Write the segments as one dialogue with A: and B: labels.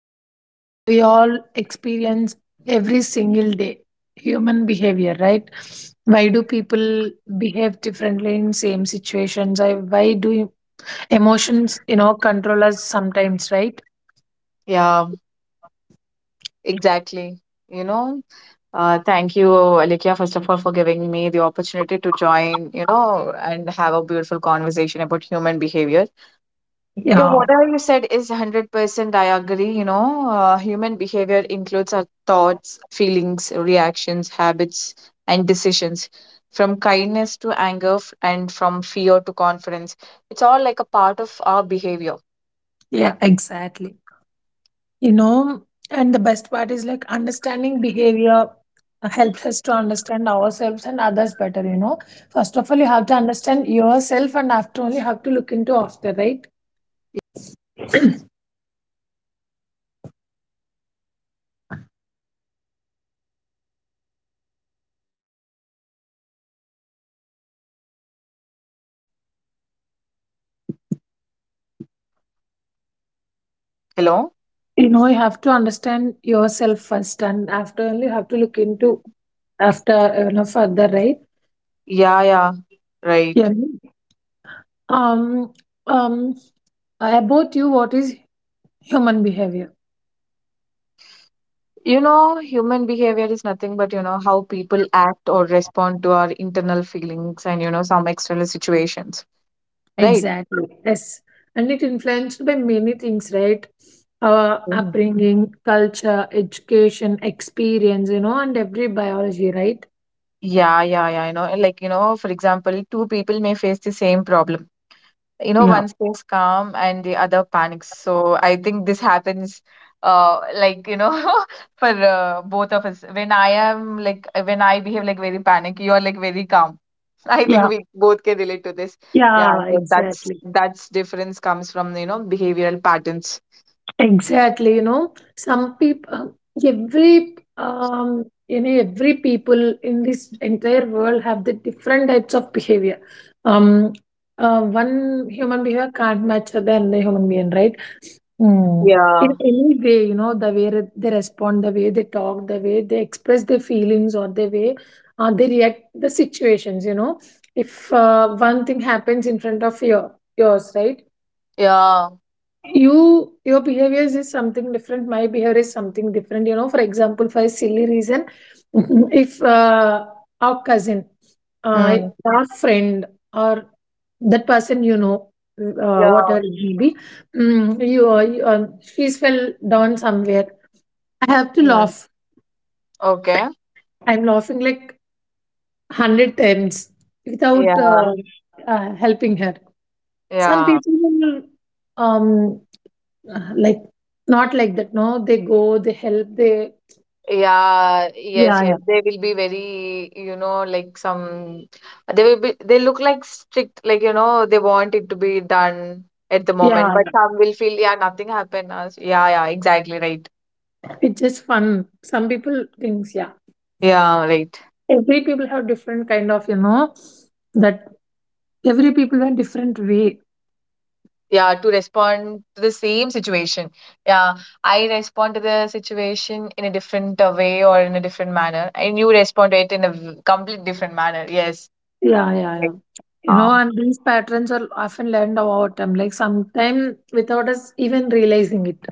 A: You know, how we all experience every single day human behavior, right? Why do people behave differently in same situations? Why do emotions, you know, control us sometimes, right? Yeah. Yeah, exactly. You know, and the best part is like understanding behavior helps us to understand ourselves and others better, you know. First of all you have to understand yourself and after only you have to look into after, right?
B: Hello?
A: You know, you have to understand yourself first and after only you have to look into after, you know, further, right?
B: Yeah, yeah, right.
A: Yeah. um um about you, what is human behavior?
B: You know, human behavior is nothing but, you know, how people act or respond to our internal feelings and, you know, some external situations, right?
A: Exactly. Yes. And it influenced by many things, right? Our
B: Mm.
A: upbringing, culture, education, experience, you know, and every biology, right?
B: Yeah, yeah, yeah. You know, like, you know, for example, two people may face the same problem. You know,
A: Yeah,
B: one stays calm and the other panics. So I think this happens, like, you know, for both of us. When I behave like very panic, you are like very calm. I think
A: yeah.
B: we both can relate to this. Yeah,
A: Yeah,
B: so that's
A: exactly.
B: that's difference comes from, you know, behavioral patterns.
A: Exactly. You know, some people, every, you know, every people in this entire world have the different types of behavior. Um, one human behavior can't match the another human being, right? Mm. In
B: Yeah.
A: any way, you know, the way they respond, the way they talk, the way they express their feelings, or the way they react the situations. You know, if one thing happens in front of your yours, right?
B: Yeah.
A: Your behavior is something different. My behavior is something different. You know, for example, for a silly reason, if our cousin, uh,
B: Mm.
A: our friend, or that person, you know,
B: Yeah.
A: whatever it may be, you she's fell down somewhere. I have to
B: Mm.
A: laugh.
B: Okay.
A: I'm laughing like 100 times without
B: Yeah.
A: helping her. Some
B: Yeah.
A: people will um like, not like that, no. They go, they help, they,
B: Yeah. Yes,
A: yeah, yeah,
B: yes. They will be very, you know, like some, they will be they look like strict, like, you know, they want it to be done at the moment.
A: yeah,
B: But
A: yeah.
B: some will feel, yeah, nothing happened. Yeah, yeah, exactly right.
A: It's just fun, some people thinks. Yeah,
B: Yeah, right.
A: every people have different kind of, you know, that, every people have different way.
B: Yeah, to respond to the same situation. Yeah, I respond to the situation in a different way, or in a different manner, and you respond to it in a complete different manner. Yes.
A: Yeah, yeah,
B: Right.
A: yeah. You know,
B: um,
A: and these patterns are often learned over time, like sometime without us even realizing it.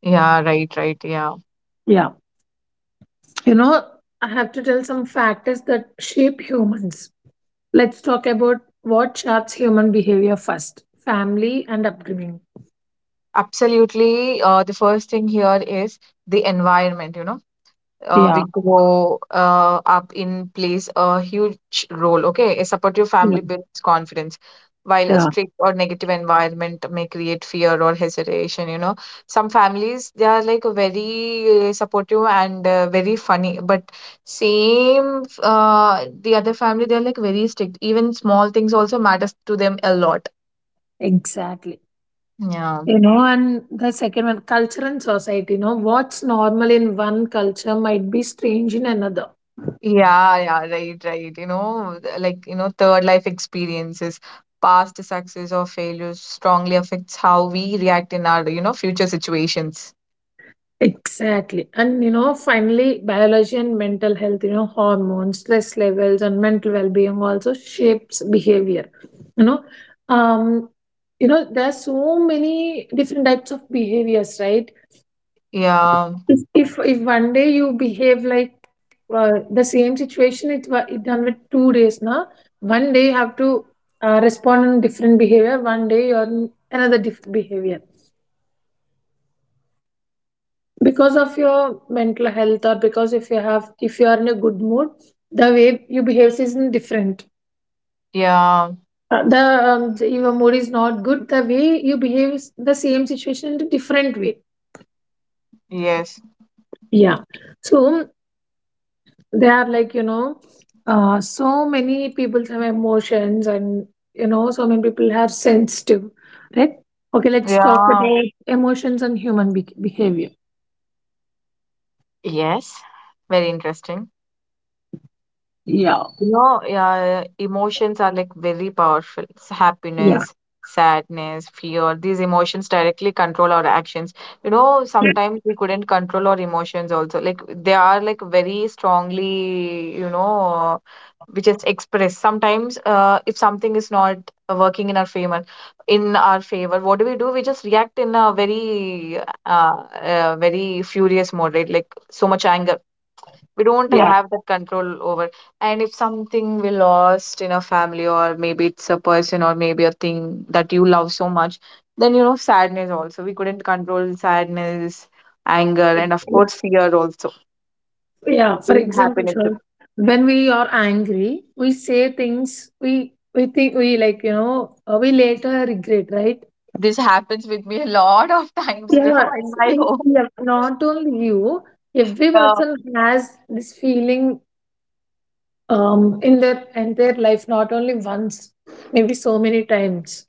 B: yeah, right, right, yeah.
A: Yeah. You know, I have to tell some factors that shape humans. Let's talk about what shapes human behavior. First, family and upbringing.
B: Absolutely. The first thing here is the environment, you know, we
A: Yeah.
B: grow up in plays a huge role. Okay, a supportive
A: Yeah.
B: family builds confidence, while a
A: Yeah.
B: strict or negative environment may create fear or hesitation. You know, some families, they are like very supportive and very funny, but same, the other family they're like very strict. Even small things also matters to them a lot.
A: Exactly.
B: Yeah.
A: You know, and the second one, culture and society. You know, what's normal in one culture might be strange in another.
B: Yeah, yeah, right, right. You know, like, you know, third life experiences, past success or failures strongly affects how we react in our, you know, future situations.
A: Exactly. And you know, finally, biology and mental health, you know, hormones, stress levels, and mental well being also shapes behavior. You know, um, you know, there are so many different types of behaviors, right?
B: Yeah.
A: If one day you behave like, the same situation, it it done with 2 days now. One day you have to respond in different behavior. One day you're in another different behavior because of your mental health, or because if you have, if you are in a good mood, the way you behave is different.
B: Yeah,
A: Uh, the the your mood is not good, the way you behave is the same situation in a different way.
B: yes.
A: Yeah. So they are like, you know, so many people have emotions, and you know, so many people have sensitive, right? Okay, let's talk
B: Yeah.
A: about emotions and human behavior.
B: Yes. Very interesting.
A: Yeah,
B: You know, yeah, emotions are like very powerful. It's
A: yeah,
B: happiness, sadness, fear. These emotions directly control our actions. You know, sometimes we couldn't control our emotions also. Like, they are like very strongly, you know, we just express. Sometimes, if something is not working in our favor, what do? We just react in a very, very furious mode, right? Like, so much anger, we don't
A: yeah.
B: have that control over. And if something we lost in a family, or maybe it's a person or maybe a thing that you love so much, then you know, sadness also, we couldn't control sadness, anger, and of
A: Yeah.
B: course fear also.
A: Yeah, for
B: Same
A: example,
B: happiness.
A: sure. When we are angry, we say things we think we like, you know, we later regret, right?
B: This happens with me a lot of times, you know,
A: Yeah,
B: in
A: s-
B: my home.
A: yeah. Not only you, every
B: Yeah,
A: person has this feeling in their entire life, not only once, maybe so many times.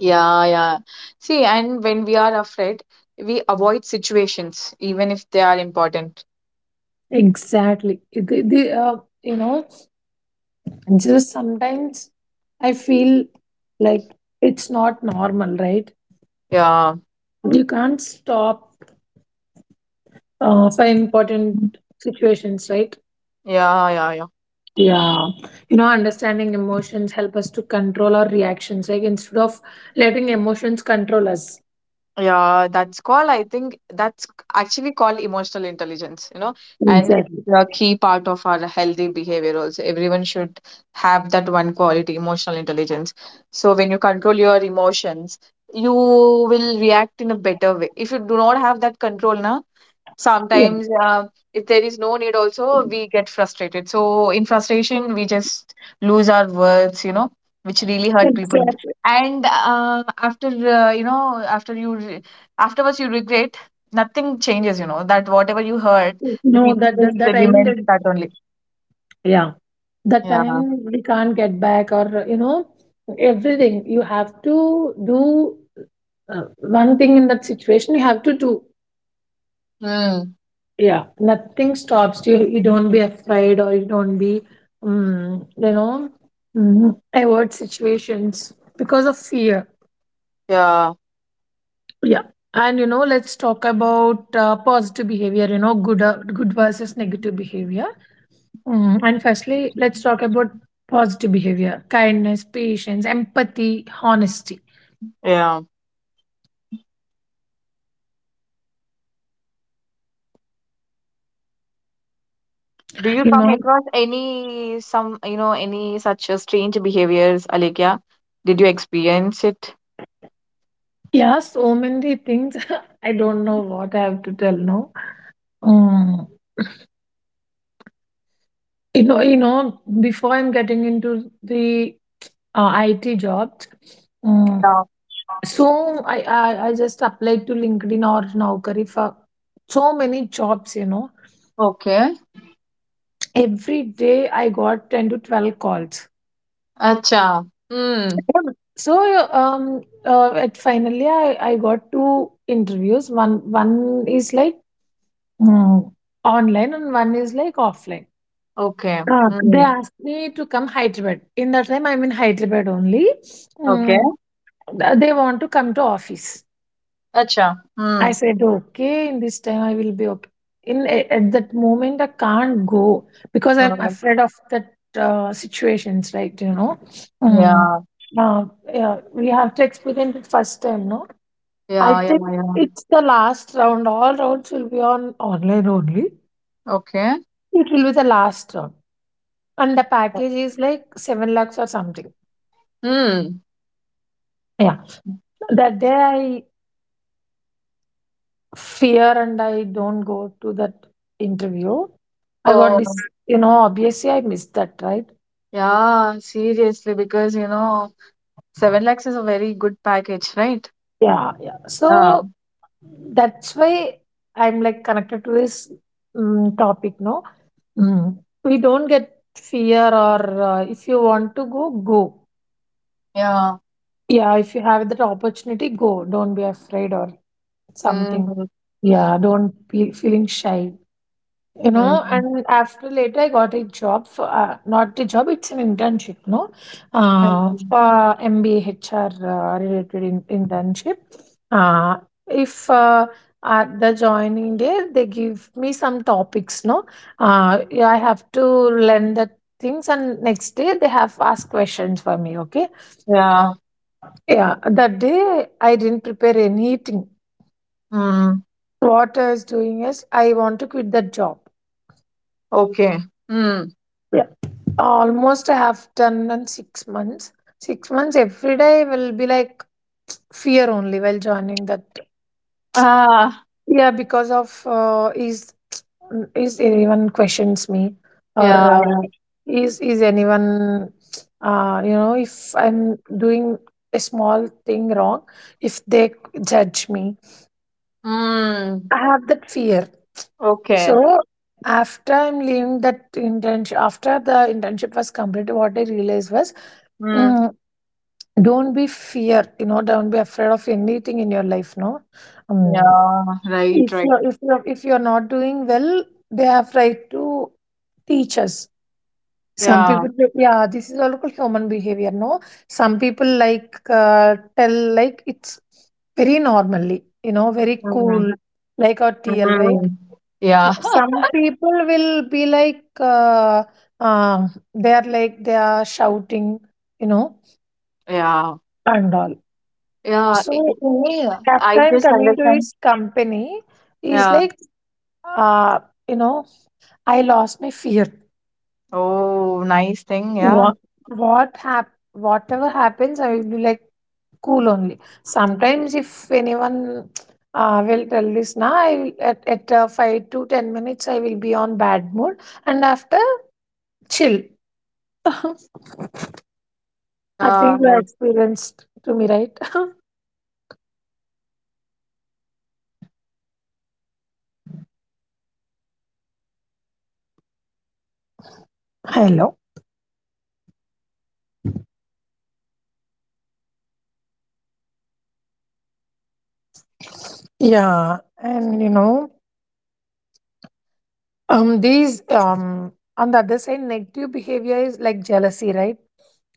B: yeah, yeah. See, and when we are afraid, we avoid situations even if they are important.
A: Exactly. You know, just sometimes I feel like it's not normal, right?
B: Yeah,
A: You can't stop for important situations, right?
B: yeah, yeah, yeah.
A: Yeah, you know, understanding emotions help us to control our reactions, like instead of letting emotions control us.
B: Yeah, that's called, I think actually called emotional intelligence, you know, and it's
A: Exactly.
B: a key part of our healthy behavior also. Everyone should have that one quality, emotional intelligence. So when you control your emotions, you will react in a better way. If you do not have that control, na,
A: Yeah,
B: sometimes if there is no need also, we get frustrated. So in frustration, we just lose our words, you know, which really hurt people.
A: exactly.
B: And after uh, you know after you re- afterwards you regret. Nothing changes, you know, that whatever you heard, the
A: No,
B: people just
A: that time
B: remain
A: that,
B: that only.
A: yeah, that
B: Yeah.
A: time we can't get back, or you know, everything you have to do, one thing in that situation you have to do.
B: Mm.
A: Yeah, nothing stops you. You don't be afraid, or you don't be, you know, avoid situations because of fear.
B: Yeah,
A: Yeah. And you know, let's talk about positive behavior, you know, good good versus negative behavior. Mm, and firstly let's talk about positive behavior: kindness, patience, empathy, honesty.
B: yeah, do you
A: You
B: come
A: know,
B: across any, some, you know, any such strange behaviors, Alekia? Did you experience it?
A: yeah, so many things. I don't know what I have to tell now. Mm. You know, before I'm getting into the IT jobs, mm,
B: Yeah.
A: so I just applied to LinkedIn or Naukri for so many jobs. You know,
B: Okay.
A: every day I got 10 to 12 calls.
B: अच्छा. हम्म.
A: Yeah. So at finally I got two interviews. One is like mm, online and one is like offline.
B: Okay.
A: They
B: hmm.
A: asked me to come Hyderabad. In that time, I'm in Hyderabad only.
B: Okay.
A: Mm. They want to come to office.
B: अच्छा.
A: I
B: hmm.
A: said, okay, in this time I will be okay. At that moment I can't go because I'm
B: hmm.
A: afraid of that situations, right? You know, mm.
B: Yeah,
A: Uh, yeah, we have to experience it first time, no? I
B: yeah, yeah,
A: think
B: yeah.
A: it's the last round. All rounds will be on online only.
B: Okay.
A: It will be the last round, and the package is like 7 lakhs or something.
B: Hmm.
A: Yeah, that day I fear and I don't go to that interview. I got
B: Oh,
A: this, you know, obviously I missed that, right?
B: yeah, seriously, because you know, 7 lakhs is a very good package, right?
A: Yeah, yeah.
B: Yeah,
A: So that's why I'm like connected to this mm topic, no? Mm. We don't get fear, or if you want to go, go.
B: yeah.
A: Yeah, if you have that opportunity, go. Don't be afraid or something.
B: Mm.
A: Yeah, don't be feeling shy. You know, and
B: Mm.
A: after later I got a job for, not a job, it's an internship, no,
B: Mm.
A: for MBA HR related internship. Uh, if at the joining day they give me some topics, no, yeah, I have to learn the things and next day they have asked questions for me, okay.
B: Yeah.
A: Yeah, that day I didn't prepare anything.
B: Mm.
A: What I was doing is I want to quit that job.
B: Okay. Mm.
A: Almost I have done in 6 months. 6 months every day will be like fear only while joining that.
B: Ah,
A: Yeah, because of is anyone questions me, or
B: yeah.
A: is anyone, you know, if I'm doing a small thing wrong, if they judge me,
B: Mm.
A: I have that fear.
B: Okay.
A: So after I'm leaving that internship, after the internship was completed, what I realized was,
B: Mm.
A: mm, don't be fear, you know, don't be afraid of anything in your life, no.
B: Yeah,
A: Um,
B: right,
A: if
B: right,
A: you're if you're if you're not doing well, they have right to teach us. Some
B: yeah.
A: people say, yeah, this is all called human behavior, no. Some people like tell like it's very normally, you know, very
B: Mm.
A: cool, like our TL, right?
B: Mm. Yeah.
A: Yeah. Some people will be like uh, they are like they are shouting, you know,
B: Yeah.
A: and all.
B: Yeah.
A: So
B: For me, I
A: after I'm
B: just
A: coming to
B: understand.
A: his company, he's
B: Yeah.
A: like, uh, you know, I lost my fear.
B: Oh, nice thing. Yeah.
A: What whatever happens, I will be like cool only. Sometimes if anyone will tell this now, I will at, 5 to 10 minutes I will be on bad mood and after, chill. I
B: Yeah.
A: think you
B: Like,
A: experienced to me, right? Hello. Yeah, and you know, these on the other side, negative behavior is like jealousy, right?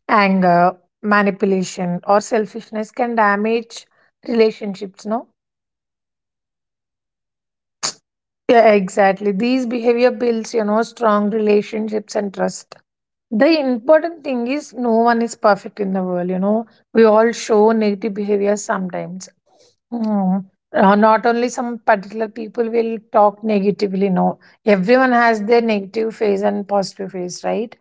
A: Anger, manipulation, or selfishness can damage relationships, no. Yeah, exactly. These behavior builds, you know, strong relationships and trust. The important thing is, no one is perfect in the world. You know, we all show negative behavior sometimes. Mm. Not only some particular people will talk negatively, no. Everyone has their negative phase and positive phase, right?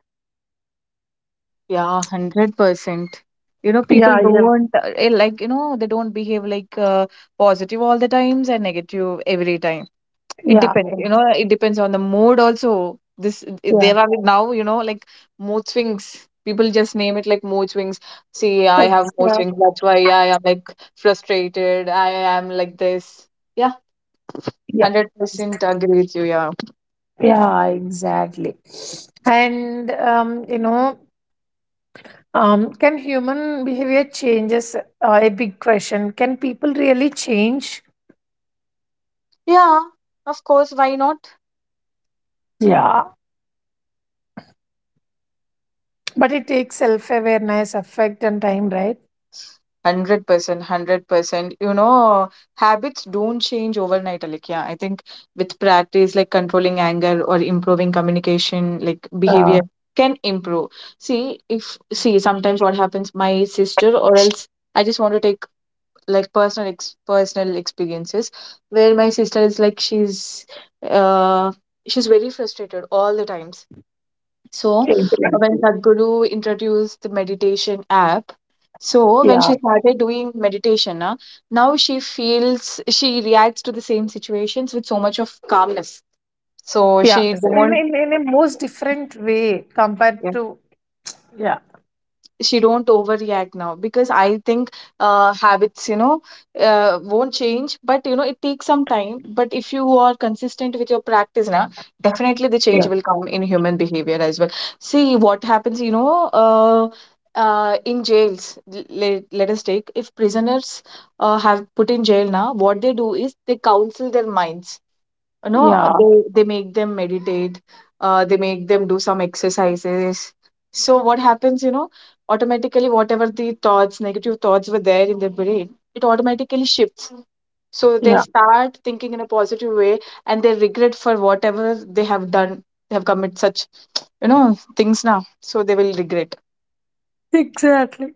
B: yeah, 100%. You know, people
A: Yeah, yeah,
B: don't, like, you know, they don't behave like positive all the times and negative every time. It
A: yeah,
B: depends, you
A: ex-
B: know, it depends on the mood also. This,
A: yeah,
B: there are now, you know, like mood swings. People just name it like mood swings. See, I have mood swings.
A: exactly.
B: That's why I am like frustrated. I am like this. Yeah,
A: Yeah,
B: 100% agree with you. Yeah.
A: yeah, exactly. And you know, can human behavior changes? A big question. Can people really change?
B: Yeah, of course. Why not?
A: Yeah, but it takes self-awareness, affect, and time, right?
B: 100%, 100%. You know, habits don't change overnight, Alikya. I think with practice, like controlling anger or improving communication, like behavior can improve. See, if see sometimes what happens, my sister or else, I just want to take like personal, ex personal experiences, where my sister is like, uh she's very frustrated all the time. So when Sadhguru introduced the meditation app, so when
A: Yeah,
B: she started doing meditation, na, now she feels she reacts to the same situations with so much of calmness. So
A: yeah. So
B: she
A: in, in,
B: don't,
A: in a most different way compared to, yeah.
B: overreact now, because I think habits, you know, won't change, but you know, it takes some time. But if you are consistent with your practice now, definitely the change
A: Yeah.
B: will come in human behavior as well. See what happens, you know, in jails, let us take, if prisoners have put in jail, now what they do is they counsel their minds, you know,
A: Yeah,
B: they make them meditate, they make them do some exercises. So what happens, you know, automatically whatever the thoughts, negative thoughts were there in their brain, it automatically shifts. So they
A: yeah.
B: start thinking in a positive way. And they regret for whatever they have done, they have committed such, you know, things now. So they will regret.
A: Exactly.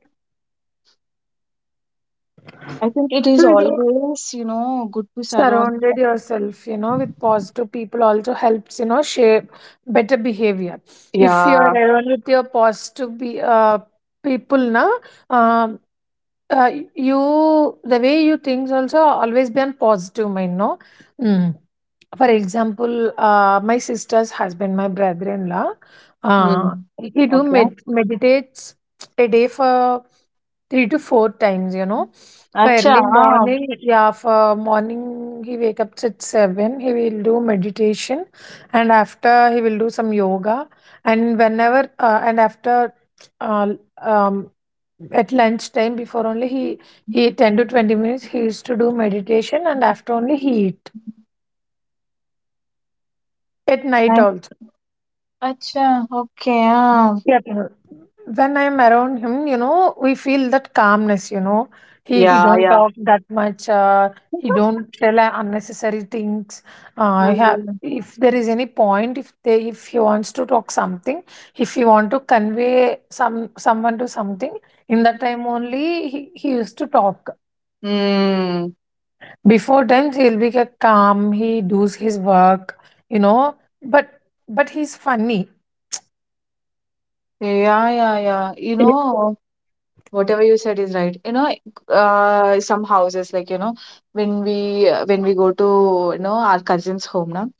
B: I think it is
A: You know,
B: always, you know, good to surround.
A: surrounded yourself, you know, with positive people also helps, you know, shape better behavior. If you are
B: Yeah.
A: around with your positive people, na, um, you the way you think also always be on positive mind, no. Mm. For example, my sister's husband, my brother-in-law, uh,
B: Hmm.
A: he do
B: Okay.
A: meditates a day for 3 to 4 times. You know, for
B: Acha.
A: early
B: Ah.
A: morning, yeah, for morning he wake up at 7. He will do meditation, and after he will do some yoga. And whenever and after uh, um, at lunchtime before only he 10 to 20 minutes he used to do meditation and after only he eat, at night
B: Nice.
A: also.
B: Acha. Okay. Ah.
A: Yeah, when I'm around him, you know, we feel that calmness. You know, he
B: Yeah,
A: don't
B: yeah.
A: talk that much. He don't tell unnecessary things.
B: Mm.
A: If there is any point, if he wants to talk something, if he want to convey someone to something, in that time only he used to talk.
B: Mm.
A: Before times he'll be calm. He does his work. You know, but but he's funny.
B: Yeah, yeah, yeah. You
A: Yeah,
B: know, whatever you said is right. You know, some houses like, you know, when we go to, you know, our cousin's home now,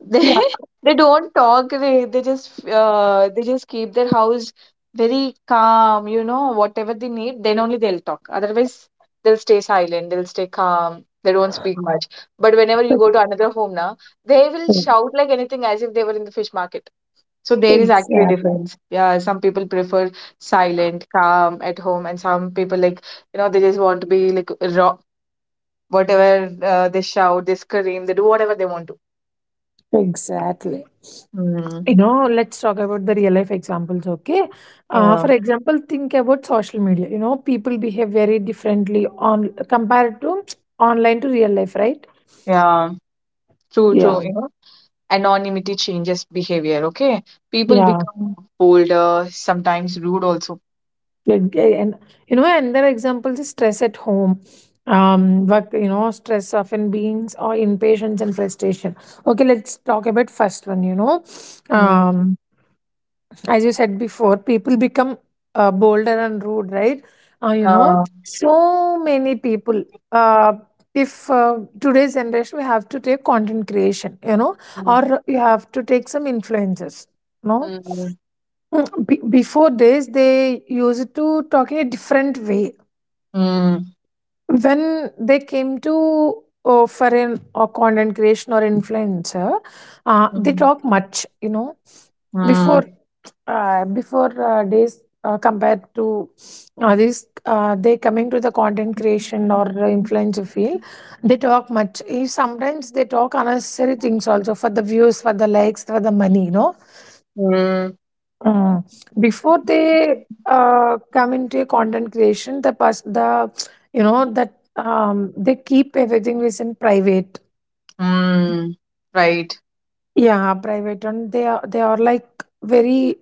B: they
A: yeah.
B: they don't talk. They just keep their house very calm, you know, whatever they need, then only they'll talk. Otherwise, they'll stay silent, they'll stay calm, they don't speak much. But whenever you go to another home now, they will shout like anything, as if they were in the fish market. So there is actually a
A: Exactly.
B: difference. Yeah, some people prefer silent calm at home, and some people like, you know, they just want to be like raw, whatever, they shout, they scream, they do whatever they want to.
A: Exactly.
B: Mm.
A: You know, let's talk about the real life examples, okay?
B: Yeah.
A: For example, think about social media. You know, people behave very differently on compared to online to real life, right?
B: Yeah, true,
A: Yeah,
B: true. You know, anonymity changes behavior. Okay, people
A: yeah.
B: become bolder, sometimes rude also.
A: And you know, another example is stress at home. Work, you know, stress often beings or impatience and frustration. Okay, let's talk about first one, you know.
B: Mm.
A: Um as you said before, people become bolder and rude, right? You know,
B: uh,
A: so many people. Uh, if Today's generation, we have to take content creation, you know,
B: mm.
A: or you have to take some influences, no?
B: Mm.
A: Mm. Before days, they used to talk in a different way.
B: Mm.
A: When they came to for an or content creation or influencer, they
B: Mm.
A: talk much, you know.
B: Mm.
A: before Before days, compared to these they coming to the content creation or the influencer field, they talk much. Sometimes they talk unnecessary things also for the views, for the likes, for the money, you know.
B: Mm.
A: Mm. Before they come into a content creation, the you know that, they keep everything within private.
B: Mm. Right.
A: Yeah, private, and they are like very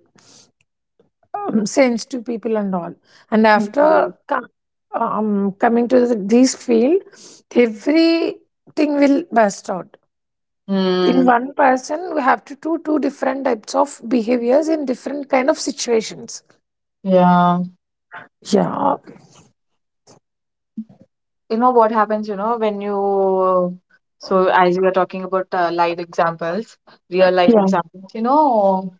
A: sense to people and all. And
B: Hmm.
A: after co- um, coming to this field, everything will burst out. In
B: Mm.
A: one person, we have to do two different types of behaviors in different kind of situations.
B: Yeah.
A: Yeah,
B: You know what happens, you know, when you, so as we are talking about live examples, real life
A: yeah,
B: examples, you know,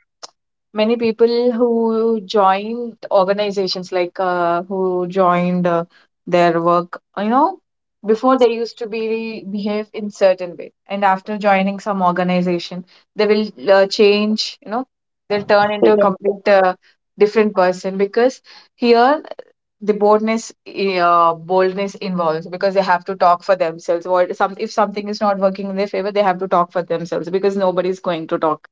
B: many people who joined organizations like, who joined their work, you know, before they used to be behave in certain way, and after joining some organization, they will change, you know. They'll turn into a
A: yeah.
B: complete, different person, because here, the boldness, boldness involves, because they have to talk for themselves, or some, if something is not working in their favor, they have to talk for themselves, because nobody is going to talk,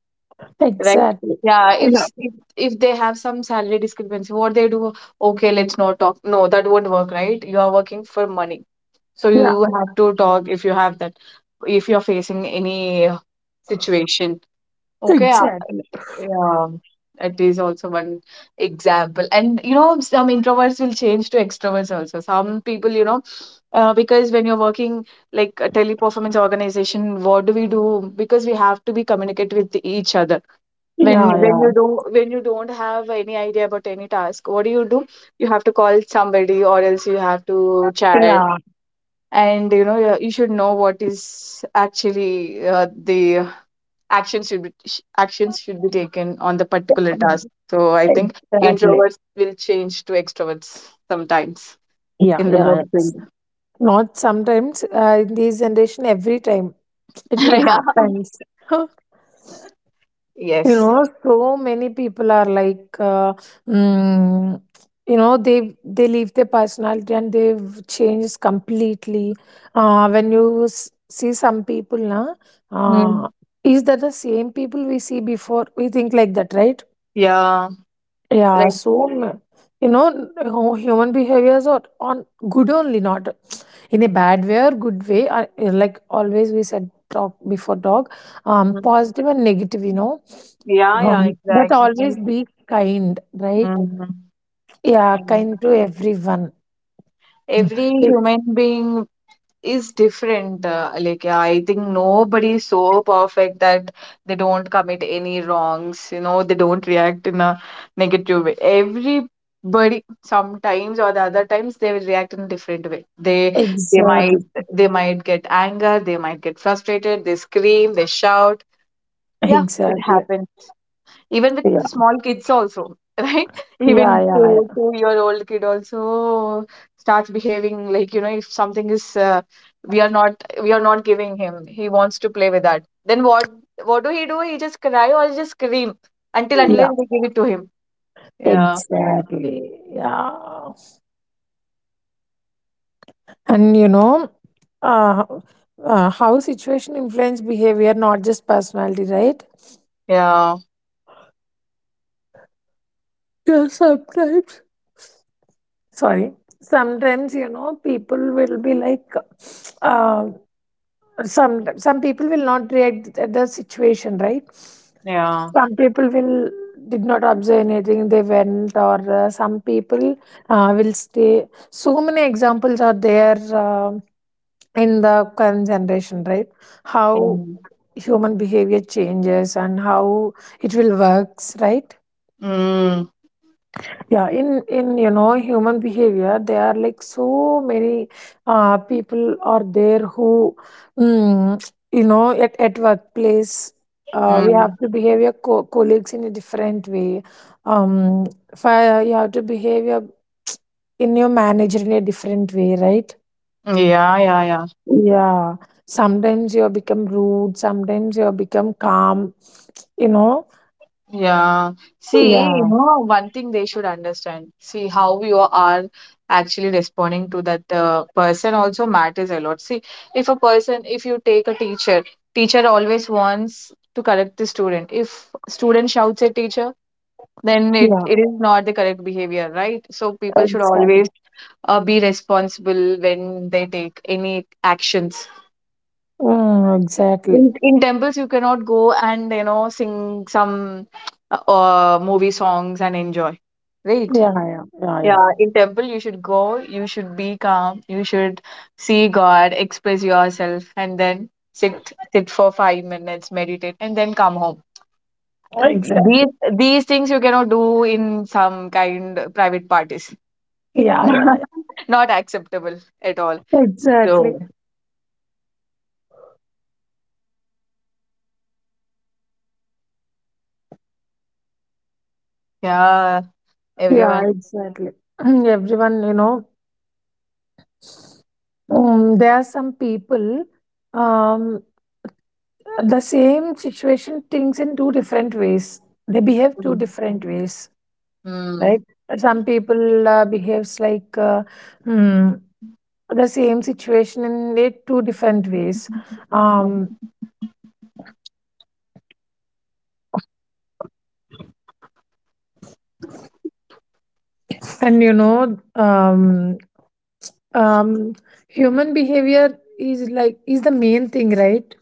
B: right?
A: Exactly.
B: Yeah, if
A: Yeah,
B: s- if they have some salary discrepancy, what they do, okay, let's not talk, no, that won't work, right? You are working for money, so
A: yeah,
B: you have to talk if you have that, if you're facing any situation. Okay.
A: exactly.
B: Yeah, that is also one example. And you know, some introverts will change to extroverts also, some people, you know, because when you're working like a teleperformance organization, what do we do? Because we have to be communicate with each other. When
A: Yeah,
B: you do, when you don't have any idea about any task, what do you do? You have to call somebody, or else you have to chat.
A: yeah,
B: And you know, you should know what is actually, the actions should be actions should be taken on the particular
A: yeah,
B: task. So I think
A: exactly.
B: introverts will change to extroverts sometimes
A: Yeah,
B: in the
A: yeah,
B: work
A: yes.
B: field.
A: Not sometimes. In this generation, every time it will
B: Yeah,
A: happen. You
B: yes.
A: know, so many people are like, mm, you know, they leave their personality and they've changed completely. uh, when you s- See some people, na, uh,
B: Mm.
A: is that the same people we see before? We think like that, right?
B: Yeah,
A: Yeah,
B: like,
A: you know, human behaviors are on good only, not in a bad way or good way. Like always, we said dog before dog,
B: mm,
A: positive and negative, you know,
B: yeah, yeah,
A: but
B: exactly.
A: always be kind, right? Yeah,
B: Mhm.
A: kind to everyone.
B: Every
A: Ex-
B: human being is different. Like, yeah, I think nobody is so perfect that they don't commit any wrongs. You know, they don't react in a negative way. Everybody, sometimes or the other times, they will react in a different way. They might
A: Exactly,
B: they might get anger. They might get frustrated. They scream. They shout. Yeah, it
A: exactly.
B: happens even with
A: Yeah,
B: the small kids also. Right, even
A: yeah, yeah,
B: two
A: yeah.
B: two year old kid also starts behaving like, you know, if something is, we are not, giving him, he wants to play with that, then what do he do, he just cry or he just scream, until unless
A: Yeah.
B: we give it to him. Yeah,
A: Exactly. Yeah. And you know, uh, how situation influence behavior, not just personality, right?
B: yeah,
A: Yeah, sometimes. Sorry. Sometimes you know people will be like, uh, some people will not react at the situation, right?
B: yeah,
A: Some people will did not observe anything. They went, or some people will stay. So many examples are there. Um in the current generation, right?
B: yeah.
A: How human behavior changes and how it will works, right?
B: Mm.
A: Yeah, in you know human behavior, there are like so many people are there who, mm, you know, at workplace. We have
B: Mm.
A: to behave your colleagues in a different way. Um, you have to behave your in your manager in a different way, right?
B: Yeah, yeah, yeah.
A: Yeah, sometimes you become rude, sometimes you become calm, you know?
B: Yeah. See, you
A: Yeah,
B: know, one thing they should understand. See, how you are actually responding to that person also matters a lot. See, if a person, if you take a teacher, teacher always wants to correct the student. If student shouts at teacher, then it,
A: yeah,
B: it is not the correct behavior, right? So people should always
A: exactly.
B: be responsible when they take any actions.
A: Mm, exactly.
B: In temples, you cannot go and, you know, sing some movie songs and enjoy, right?
A: Yeah, yeah, yeah, yeah.
B: Yeah, in temple you should go, you should be calm, you should see god, express yourself and then sit for 5 minutes, meditate, and then come home. these
A: Exactly.
B: these things you cannot do in some kind private parties.
A: Yeah, yeah, yeah.
B: Not acceptable at all.
A: Exactly.
B: So yeah, everyone.
A: Yeah, exactly. Everyone, you know, there are some people, um, the same situation thinks in two different ways. They behave two
B: Mm.
A: different ways, right? Some people behaves like, hmm, the same situation in it two different ways. um
B: Mm.
A: and you know, um human behavior is like is the main thing, right?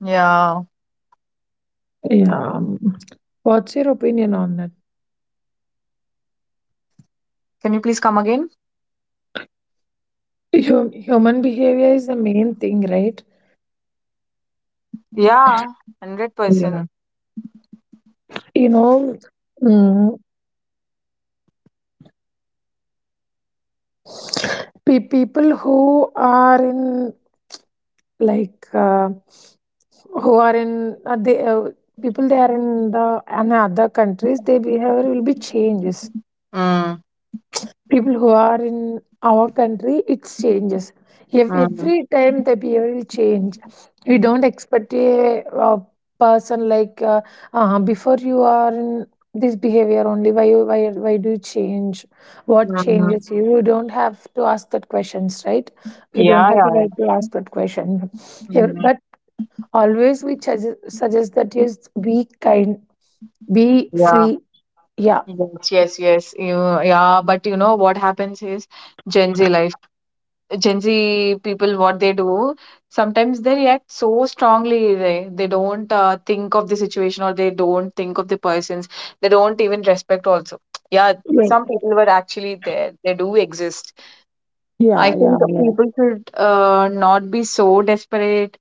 B: Yeah.
A: Yeah. What's your opinion on that?
B: Can you please come again?
A: Human behavior is the main thing, right?
B: Yeah, 100%.
A: Yeah, you know, mm, people who are in like, who are in they people they are in the in other countries, their behavior will be changes.
B: Mm.
A: People who are in our country, it changes. If
B: Mm.
A: every time the behavior will change, we don't expect a, person like before you are in this behavior only. Why do you change? What
B: Mm,
A: changes you? You don't have to ask that questions, right? We don't
B: yeah,
A: have
B: yeah,
A: the
B: yeah.
A: right to ask that question. Yeah.
B: Mm,
A: But always we suggest that is be kind, be
B: yeah.
A: free. Yeah.
B: Yes, yes, yes. You, yeah, but you know what happens is Gen Z life. Gen Z people, what they do, sometimes they react so strongly. They don't, think of the situation, or they don't think of the persons. They don't even respect also. Yeah, some
A: Yeah.
B: people were actually there. They do exist. I
A: Yeah. Yeah.
B: think
A: Yeah.
B: people should not be so desperate.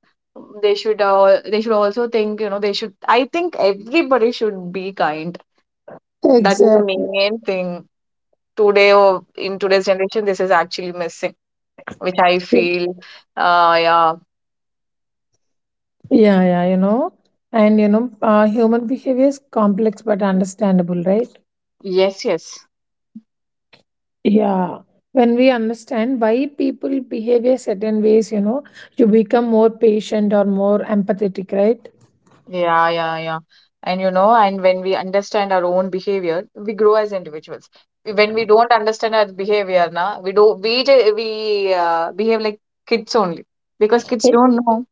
B: They should, they should also think, you know, they should, I think everybody should be kind. That is the
A: Exactly.
B: main thing. Today, or in today's generation, this is actually missing, which I feel. Yeah.
A: Yeah, yeah, you know, and you know, human behavior is complex but understandable, right?
B: Yes, yes.
A: Yeah. When we understand why people behave a certain ways, you know, you become more patient or more empathetic, right?
B: Yeah, yeah, yeah. And you know, and when we understand our own behavior, we grow as individuals. When we don't understand our behavior, na, we do we ju- we behave like kids only, because kids
A: E-
B: don't know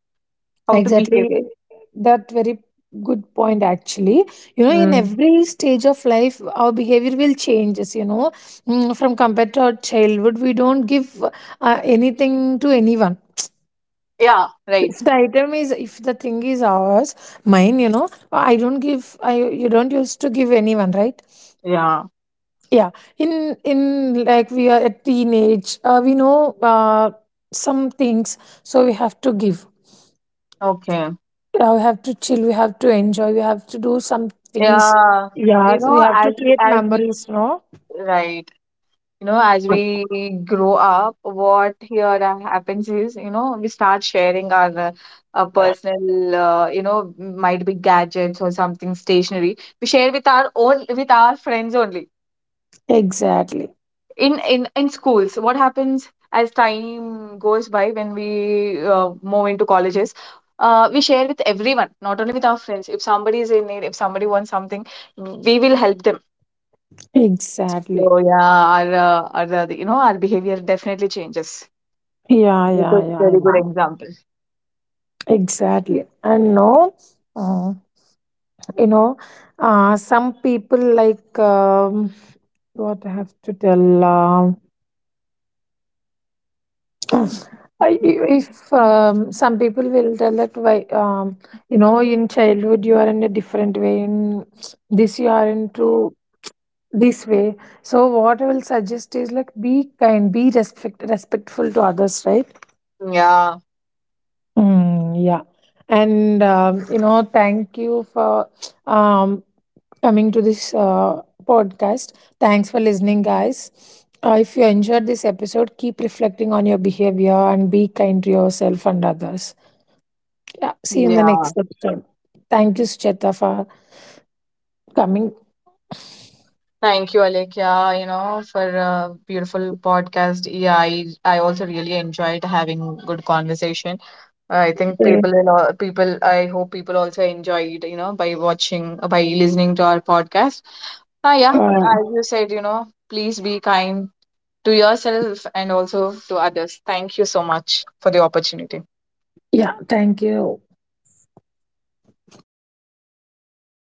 B: how to behave.
A: Exactly. That very good point, actually. You know, in
B: Mm.
A: every stage of life, our behavior will changes, you know. Mm, from compared to our childhood, we don't give anything to anyone
B: Yeah,
A: if
B: right.
A: the item is if the thing is ours, mine, you know. I don't give, I you don't used to give anyone, right?
B: Yeah.
A: Yeah, in in like we are at teenage, we know some things, so we have to give.
B: Okay.
A: Yeah, we have to chill, we have to enjoy, we have to do some things.
B: Yeah. You
A: Yeah,
B: know,
A: we have to create memories, no?
B: right, you know, as we grow up, what here happens is, you know, we start sharing our, personal, you know, might be gadgets or something stationary. We share with our own, with our friends only.
A: Exactly.
B: In schools, what happens as time goes by when we move into colleges? We share with everyone, not only with our friends. If somebody is in need, if somebody wants something, we will help them.
A: Exactly.
B: So yeah, our you know, our behavior definitely changes.
A: Yeah,
B: It's a
A: yeah, yeah, I
B: very good
A: know.
B: example.
A: Exactly, and no, uh, you know some people like, what I have to tell, If, some people will tell that why, you know, in childhood you are in a different way, in this you are into this way. So what I will suggest is like be kind, be respectful to others, right?
B: Yeah,
A: Mm, yeah. And, you know, thank you for, um coming to this podcast. Thanks for listening, guys. If you enjoyed this episode, keep reflecting on your behavior and be kind to yourself and others. Yeah, see you in the
B: yeah.
A: next episode. Thank you, Sucheta, for coming.
B: Thank you, Alek. Yeah, you know, for a beautiful podcast. Yeah, I also really enjoyed having good conversation. I think people, I hope people also enjoyed, you know, by watching, by listening to our podcast. Ah, yeah,
A: Uh,
B: as you said, you know, please be kind to yourself and also to others. Thank you so much for the opportunity.
A: yeah, thank you.